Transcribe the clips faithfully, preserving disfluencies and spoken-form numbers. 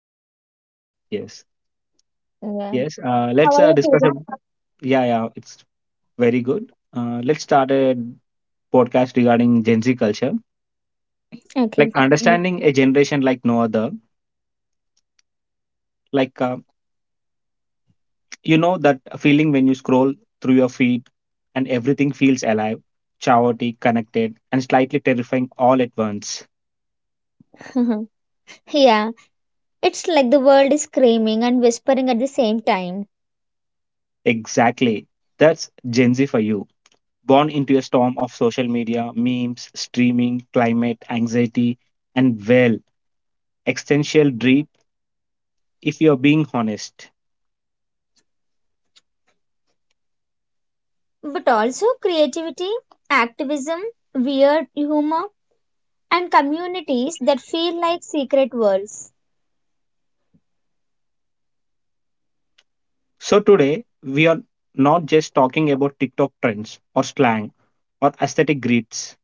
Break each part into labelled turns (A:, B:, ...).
A: Great.
B: Yes.
A: Yeah.
B: Yes. Uh,
A: How
B: let's
A: are
B: uh,
A: you
B: discuss. A,
A: feeling?
B: yeah. Yeah. It's very good. Uh, let's start a podcast regarding Gen Z culture. Like
A: Okay.
B: understanding a generation like no other. Like uh, you know that feeling when you scroll through your feed, and everything feels alive, chaotic, connected, and slightly terrifying all at once.
A: Good. Yeah, it's like the world is screaming and whispering at the same time.
B: Exactly. That's Gen Z for you. Born into a storm of social media, memes, streaming, climate, anxiety, and, well, existential dread if you're being honest.
A: But also creativity, activism, weird humor, and communities that feel like secret worlds.
B: So today, we are not just talking about TikTok trends or slang or aesthetic grids.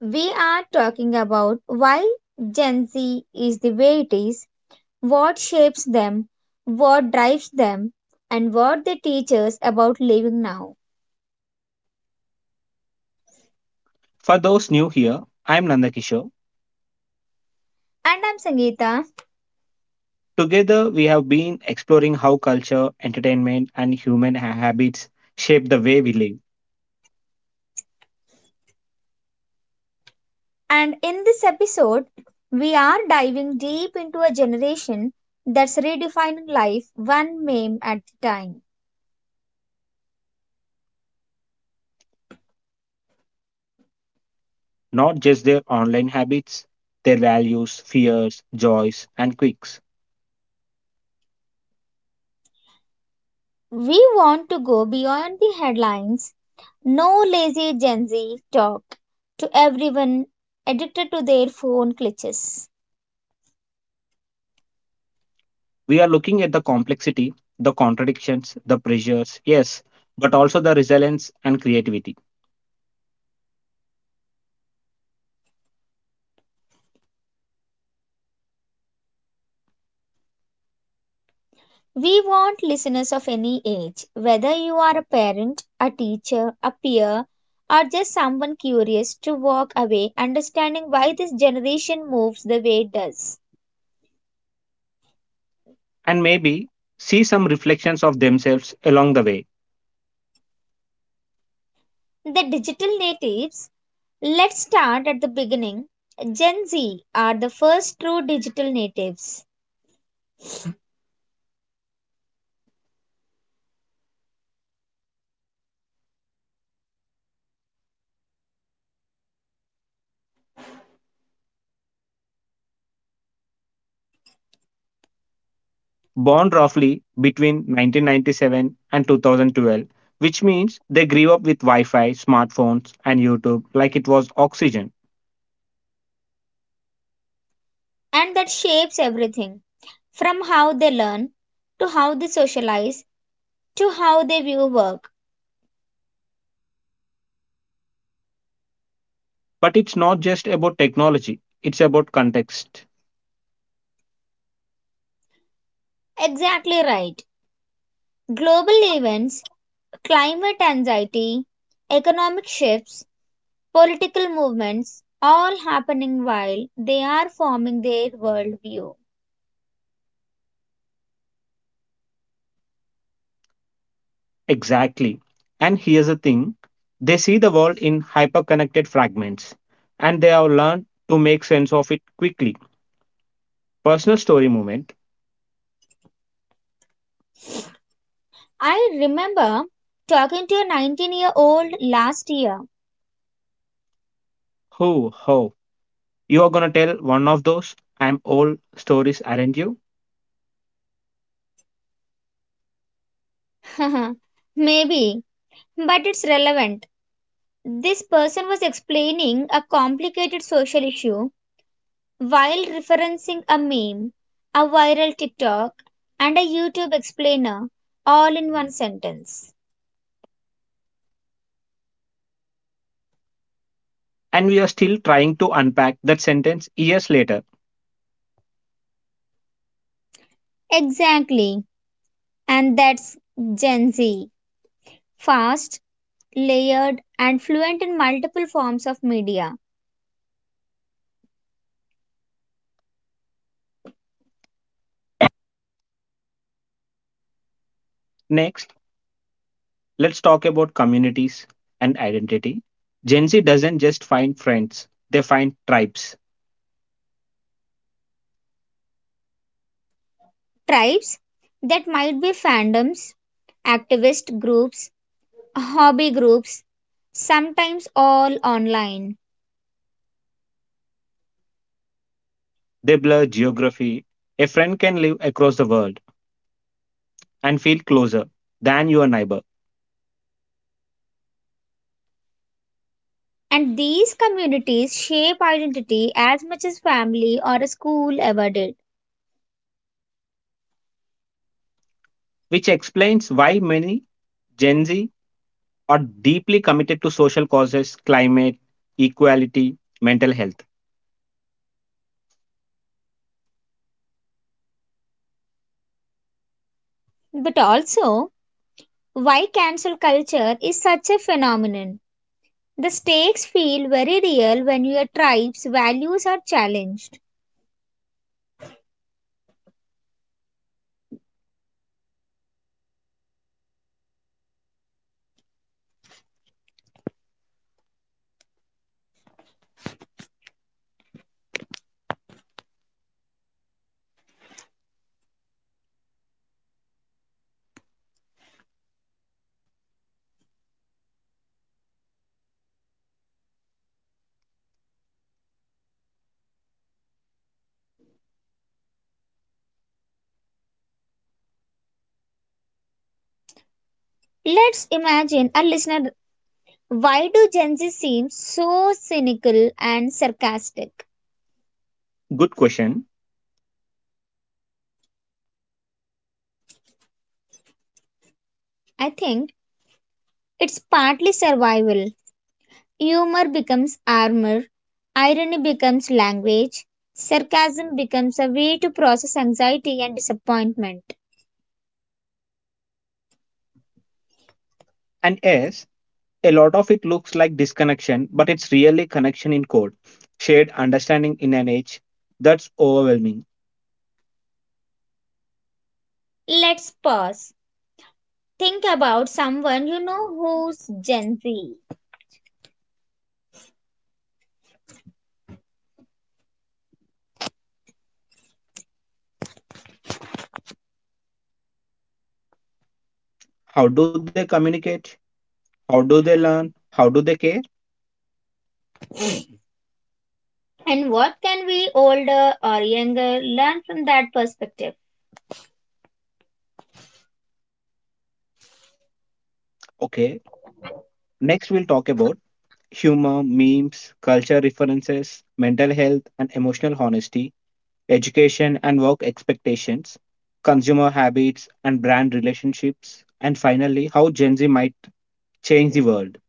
A: We are talking about why Gen Z is the way it is, what shapes them, what drives them, and what they teach us about living now.
B: For those new here, I'm Nandakishore.
A: And I'm Sangeeta,
B: Together, we have been exploring how culture, entertainment, and human ha- habits shape the way we live,
A: and in this episode, we are diving deep into a generation that's redefining life one meme at a time.
B: not just their online habits, their values, fears, joys, and quirks.
A: We want to go beyond the headlines, no lazy Gen Z talk, to everyone addicted to their phone glitches.
B: We are looking at the complexity, the contradictions, the pressures, yes, but also the resilience and creativity.
A: We want listeners of any age, whether you are a parent, a teacher, a peer, or just someone curious, to walk away understanding why this generation moves the way it does.
B: And maybe see some reflections of themselves along the way.
A: The digital natives. Let's start at the beginning. Gen Z are the first true digital natives,
B: Born roughly between nineteen ninety-seven and two thousand twelve, which means they grew up with Wi Fi, smartphones, and YouTube like it was oxygen.
A: and that shapes everything from how they learn to how they socialize to how they view work.
B: But it's not just about technology, it's about context.
A: Exactly right. Global events, climate anxiety, economic shifts, political movements, all happening while they are forming their worldview.
B: Exactly. And here's the thing, they see the world in hyperconnected fragments, and they have learned to make sense of it quickly. Personal story moment.
A: I remember talking to a nineteen year old last year.
B: Ho, ho. You are going to tell one of those I'm old stories, aren't you?
A: Maybe, but it's relevant. This person was explaining a complicated social issue while referencing a meme, a viral TikTok, and a YouTube explainer all in one sentence.
B: And we are still trying to unpack that sentence years later.
A: Exactly. And that's Gen Z. Fast, layered, and fluent in multiple forms of media.
B: Next, let's talk about communities and identity. Gen Z doesn't just find friends, they find tribes.
A: Tribes that might be fandoms, activist groups, hobby groups, sometimes all online.
B: They blur geography. A friend can live across the world and feel closer than your neighbor,
A: And these communities shape identity as much as family or a school ever did.
B: which explains why many Gen Z are deeply committed to social causes, climate, equality, mental health.
A: But also, why cancel culture is such a phenomenon. The stakes feel very real when your tribe's values are challenged. Let's imagine a listener. Why do Gen Z seem so cynical and sarcastic?
B: Good question.
A: I think it's partly survival. Humor becomes armor, irony becomes language, sarcasm becomes a way to process anxiety and disappointment.
B: And yes, a lot of it looks like disconnection, but it's really connection in code, shared understanding in an age that's overwhelming.
A: Let's pause. Think about someone you know who's Gen Z.
B: How do they communicate? How do they learn? How do they care?
A: And what can we, older or younger, learn from that perspective?
B: Okay, next, we'll talk about humor, memes, culture references, mental health and emotional honesty, education and work expectations, consumer habits and brand relationships, and finally, how Gen Z might change the world.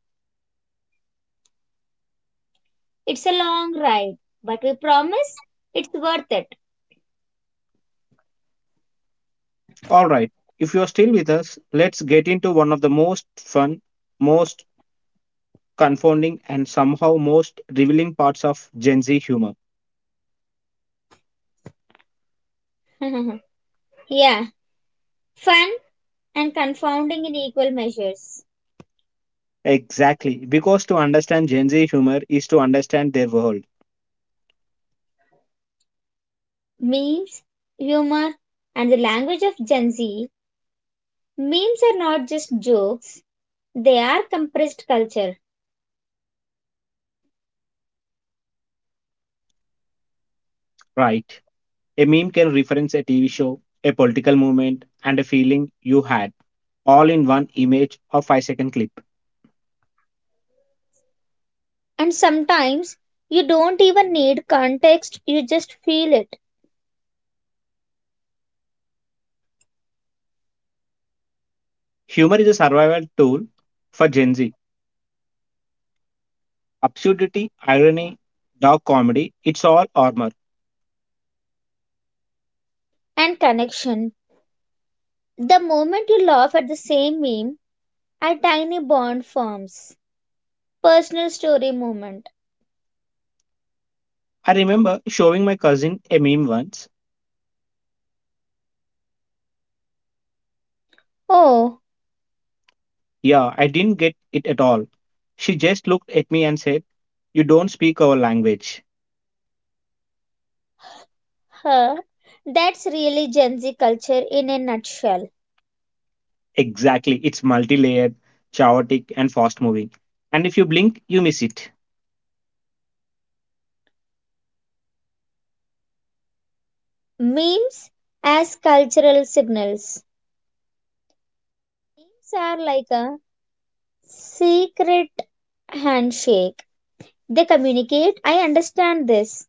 A: It's a long ride, but we promise it's worth it.
B: All right, if you're still with us, let's get into one of the most fun, most confounding, and somehow most revealing parts of Gen Z humor.
A: Yeah, fun and confounding in equal measures.
B: Exactly, because to understand Gen Z humor is to understand their world.
A: Memes, humor, and the language of Gen Z. Memes are not just jokes, they are compressed culture.
B: Right. A meme can reference a T V show, a political movement, and a feeling you had, all in one image or five second clip.
A: And sometimes you don't even need context, you just feel it.
B: Humor is a survival tool for Gen Z. Absurdity, irony, dark comedy, it's all armor.
A: And connection. The moment you laugh at the same meme, a tiny bond forms. Personal story moment.
B: I remember showing my cousin a meme once.
A: Oh,
B: Yeah, I didn't get it at all. She just looked at me and said, "You don't speak our language."
A: huh. That's really Gen Z culture in a nutshell.
B: Exactly, it's multi layered, chaotic, and fast moving. And if you blink, you miss it.
A: Memes as cultural signals. Memes are like a secret handshake. They communicate, I understand this,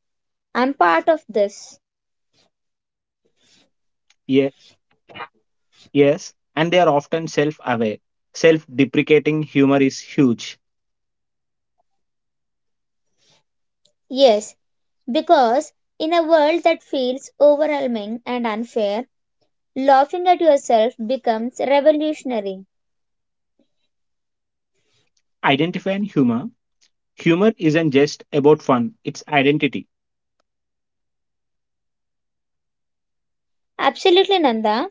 A: I'm part of this.
B: Yeah. Yes, and they are often self aware. Self deprecating humor is huge.
A: Yes, because in a world that feels overwhelming and unfair, laughing at yourself becomes revolutionary.
B: Identifying humor. Humor isn't just about fun, it's identity
A: Absolutely, Nanda.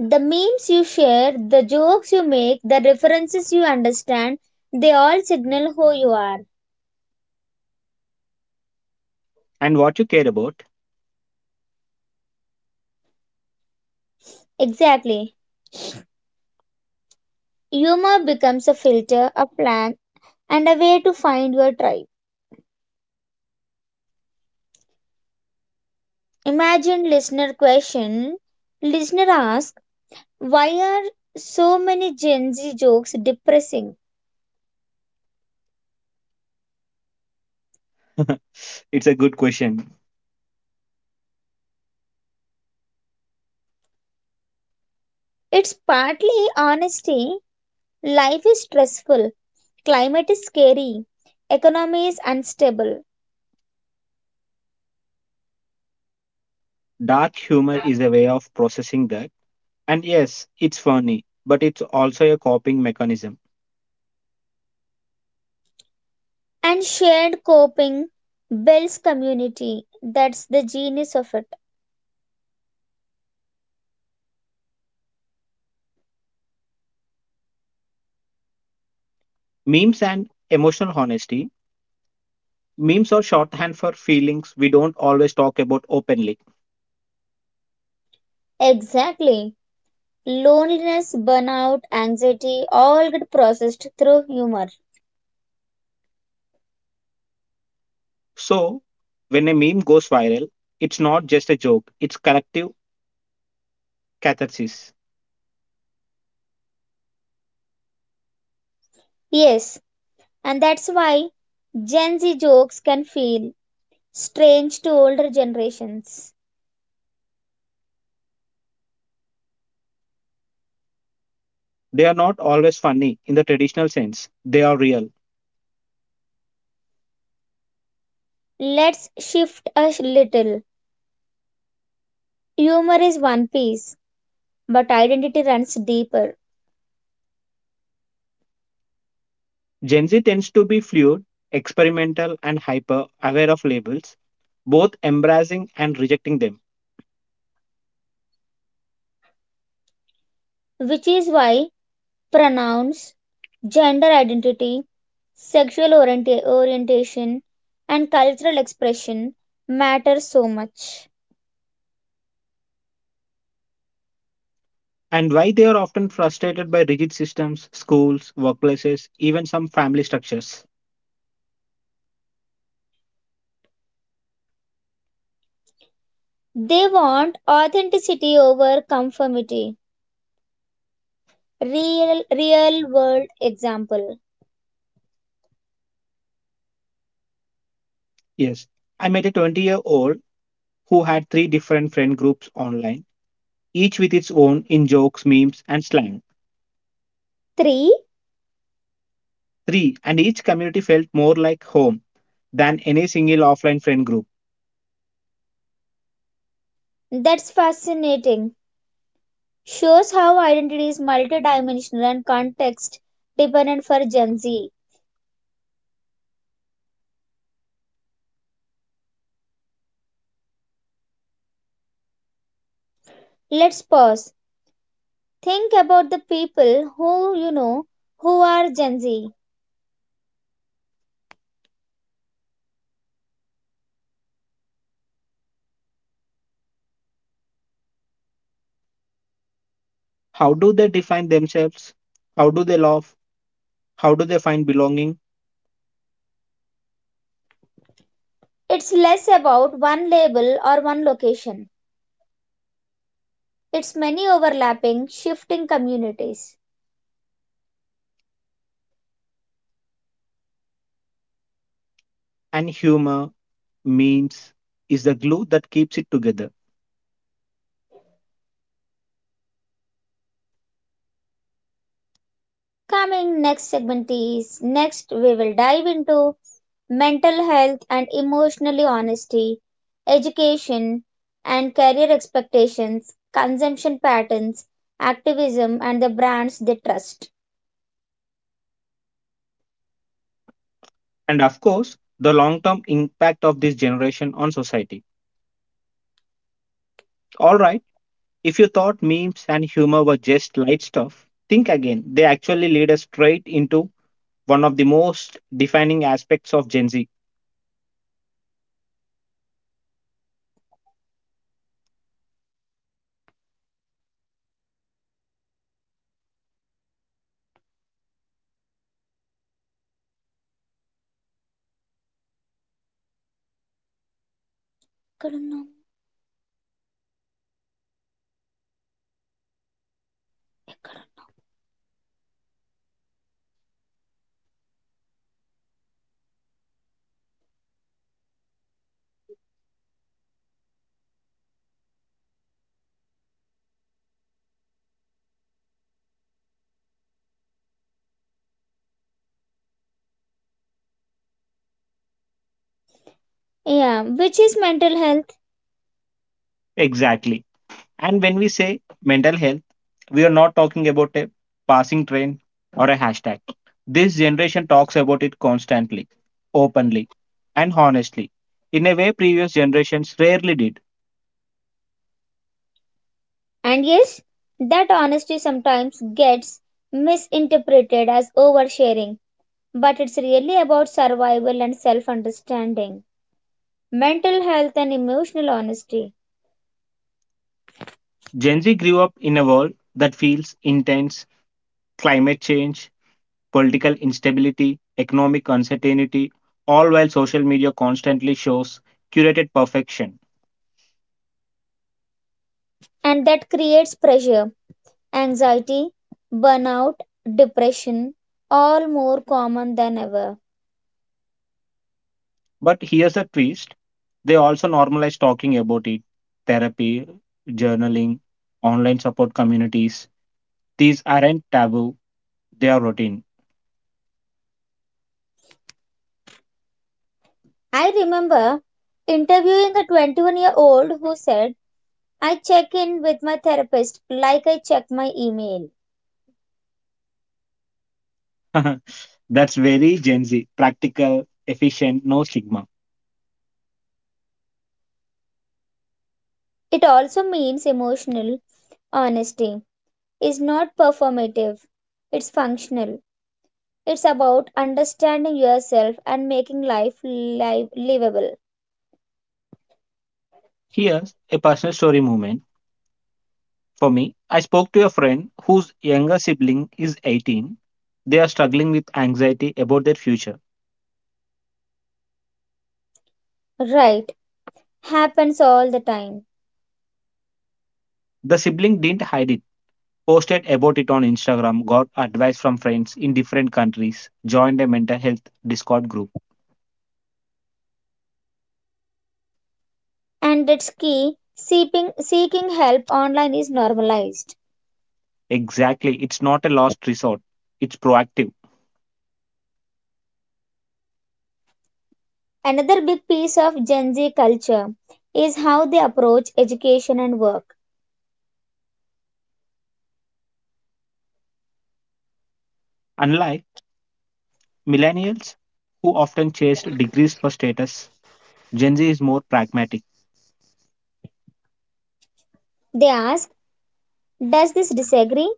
A: The memes you share, the jokes you make, the references you understand, they all signal who you are.
B: and what you care about.
A: Exactly. Humor becomes a filter, a plan, and a way to find your tribe. Imagine listener question. Listener ask, why are so many Gen Z jokes depressing?
B: It's a good question.
A: It's partly honesty. Life is stressful. Climate is scary. Economy is unstable.
B: Dark humor is a way of processing that. And yes, it's funny, but it's also a coping mechanism.
A: And shared coping builds community. That's the genius of it.
B: Memes and emotional honesty. Memes are shorthand for feelings we don't always talk about openly.
A: Exactly. Loneliness, burnout, anxiety all get processed through humor.
B: So, when a meme goes viral, it's not just a joke, it's collective catharsis.
A: Yes, and that's why Gen Z jokes can feel strange to older generations.
B: They are not always funny in the traditional sense, they are real.
A: Let's shift a little. Humor is one piece, but identity runs deeper,
B: Gen Z tends to be fluid, experimental, and hyper aware of labels, both embracing and rejecting them.
A: which is why pronouns, gender identity, sexual orienta- orientation, and cultural expression matter so much.
B: And why they are often frustrated by rigid systems, schools, workplaces, even some family structures.
A: They want authenticity over conformity. Real real world example.
B: Yes, I met a twenty year old who had three different friend groups online, each with its own in jokes, memes, and slang.
A: three.
B: Three, and each community felt more like home than any single offline friend group.
A: That's fascinating. Shows how identity is multidimensional and context dependent for Gen Z. Let's pause. Think about the people who you know who are Gen Z.
B: How do they define themselves? How do they love? How do they find belonging?
A: It's less about one label or one location. It's many overlapping, shifting communities.
B: And humor, memes, is the glue that keeps it together.
A: Coming next segment is next we will dive into mental health and emotionally honesty, education and career expectations, consumption patterns, activism and the brands they trust.
B: And of course, the long term impact of this generation on society. Alright, if you thought memes and humor were just light stuff, think again. They actually lead us straight into one of the most defining aspects of Gen Z.
A: Yeah, which is mental health.
B: Exactly. And when we say mental health, we are not talking about a passing trend or a hashtag. This generation talks about it constantly, openly, and honestly, in a way previous generations rarely did.
A: And yes, that honesty sometimes gets misinterpreted as oversharing, but it's really about survival and self understanding. Mental health and emotional honesty.
B: Gen Z grew up in a world that feels intense, climate change, political instability, economic uncertainty, all while social media constantly shows curated perfection.
A: And that creates pressure, anxiety, burnout, depression, all more common than ever.
B: But here's a twist, they also normalize talking about it, therapy, journaling, online support communities. These aren't taboo, they are routine.
A: I remember interviewing a twenty-one year old who said, I check in with my therapist like I check my email.
B: That's very Gen Z, practical, efficient, no stigma.
A: It also means emotional honesty is not performative, it's functional. It's about understanding yourself and making life live- livable.
B: Here's a personal story moment. For me, I spoke to a friend whose younger sibling is eighteen. They are struggling with anxiety about their future.
A: Right, happens all the time.
B: The sibling didn't hide it. Posted about it on Instagram, got advice from friends in different countries, joined a mental health Discord group.
A: And it's key. Seeking, seeking help online is normalized.
B: Exactly, it's not a last resort, it's proactive.
A: Another big piece of Gen Z culture is how they approach education and work.
B: Unlike millennials, who often chased degrees for status, Gen Z is more pragmatic.
A: They ask, does this disagree,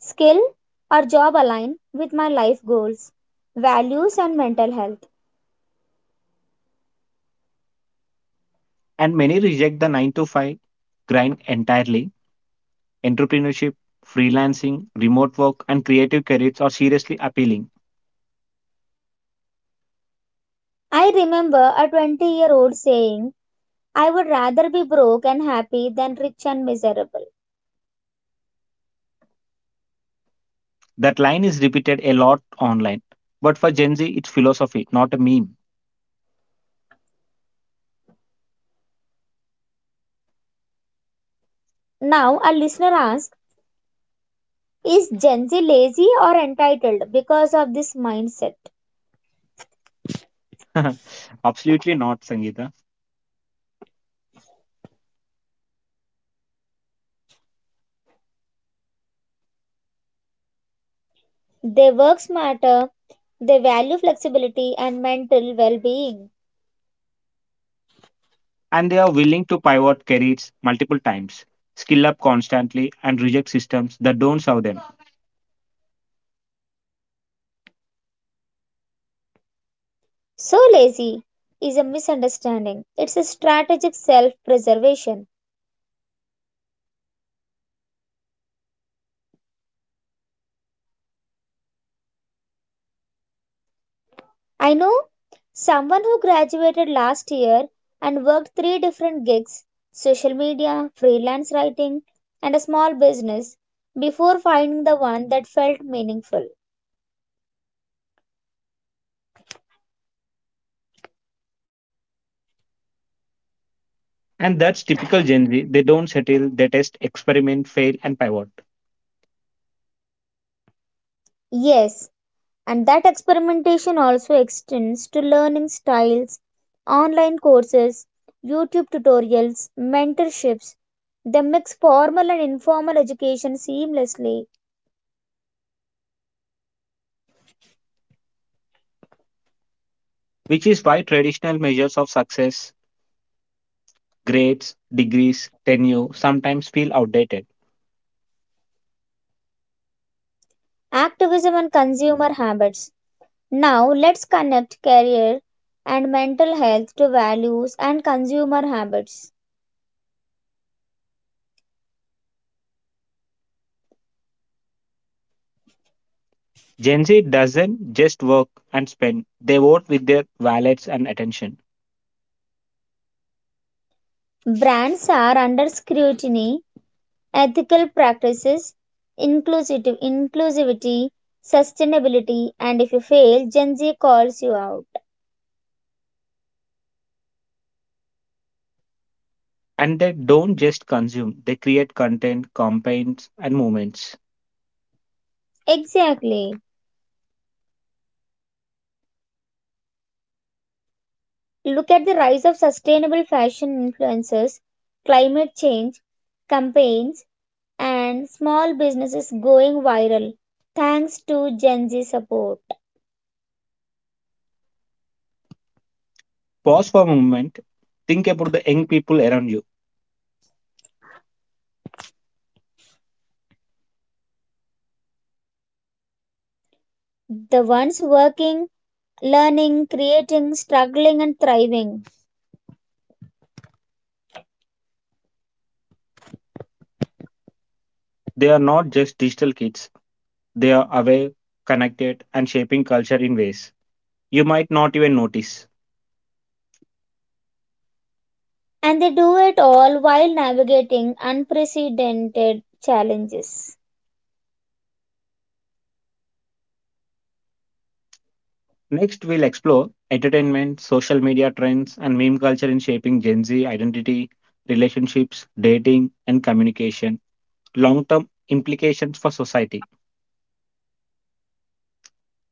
A: skill, or job align with my life goals, values, and mental health?
B: And many reject the nine to five grind entirely. Entrepreneurship, freelancing, remote work, and creative careers are seriously appealing.
A: I remember a twenty year old saying, I would rather be broke and happy than rich and miserable.
B: That line is repeated a lot online. But for Gen Z, it's philosophy, not a meme.
A: Now, a listener asks, is Gen Z lazy or entitled because of this mindset?
B: Absolutely not, Sangeeta.
A: They work smarter, they value flexibility and mental well being.
B: And they are willing to pivot careers multiple times, skill up constantly, and reject systems that don't serve them.
A: So, lazy is a misunderstanding, it's a strategic self preservation. I know someone who graduated last year and worked three different gigs, social media, freelance writing, and a small business before finding the one that felt meaningful.
B: And that's typical Gen Z. They don't settle, they test, experiment, fail, and pivot.
A: Yes, and that experimentation also extends to learning styles, online courses, YouTube tutorials, mentorships. They mix formal and informal education seamlessly.
B: Which is why traditional measures of success, grades, degrees, tenure, sometimes feel outdated.
A: Activism and consumer habits. Now, let's connect career and mental health to values and consumer habits.
B: Gen Z doesn't just work and spend, they vote with their wallets and attention.
A: Brands are under scrutiny, ethical practices, inclusive inclusivity, sustainability, and if you fail, Gen Z calls you out.
B: And they don't just consume, they create content, campaigns, and movements.
A: Exactly. Look at the rise of sustainable fashion influencers, climate change campaigns, and small businesses going viral thanks to Gen Z support.
B: Pause for a moment. Think about the young people around you.
A: The ones working, learning, creating, struggling, and thriving.
B: They are not just digital kids, they are aware, connected, and shaping culture in ways you might not even notice.
A: And they do it all while navigating unprecedented challenges.
B: Next, we'll explore entertainment, social media trends, and meme culture in shaping Gen Z identity, relationships, dating, and communication, long term implications for society.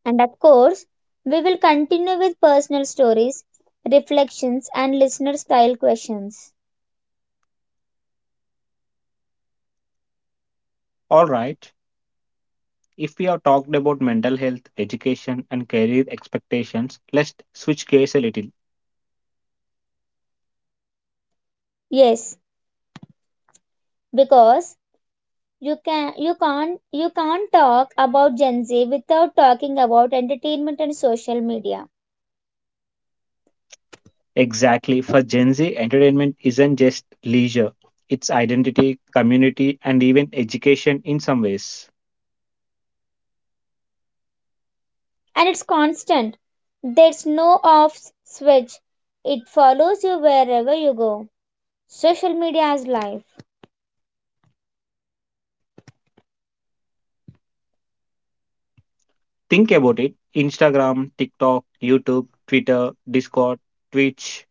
A: And of course, we will continue with personal stories, reflections, and listener style questions.
B: All right, if we have talked about mental health, education, and career expectations, let's switch gears a little.
A: Yes, because you can you can't you can't talk about Gen Z without talking about entertainment and social media.
B: Exactly. For Gen Z, entertainment isn't just leisure, it's identity, community, and even education in some ways.
A: And it's constant. There's no off switch. It follows you wherever you go. Social media is life.
B: Think about it, Instagram, TikTok, YouTube, Twitter, Discord, Twitch.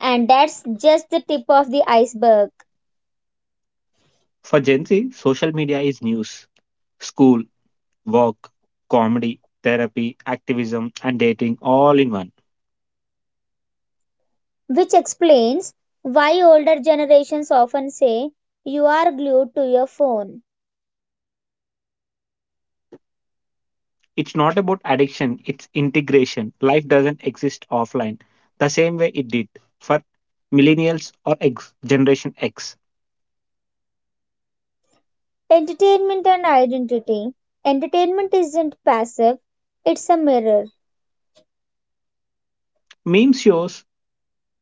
A: And that's just the tip of the iceberg.
B: For Gen Z, social media is news, school, work, comedy, therapy, activism, and dating all in one.
A: Which explains why older generations often say you are glued to your phone.
B: It's not about addiction, it's integration. Life doesn't exist offline the same way it did for millennials or X, Generation X.
A: Entertainment and identity. Entertainment isn't passive, it's a mirror.
B: Meme shows,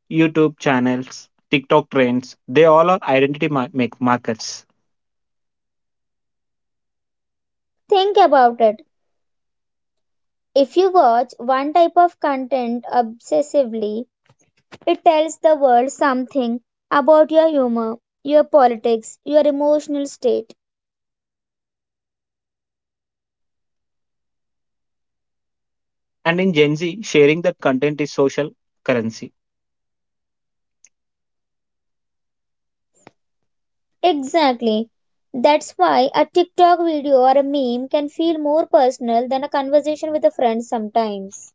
B: YouTube channels, TikTok trends, they all are identity mar- make markers.
A: Think about it. If you watch one type of content obsessively, it tells the world something about your humor, your politics, your emotional state.
B: And in Gen Z, sharing that content is social currency.
A: Exactly. That's why a TikTok video or a meme can feel more personal than a conversation with a friend sometimes.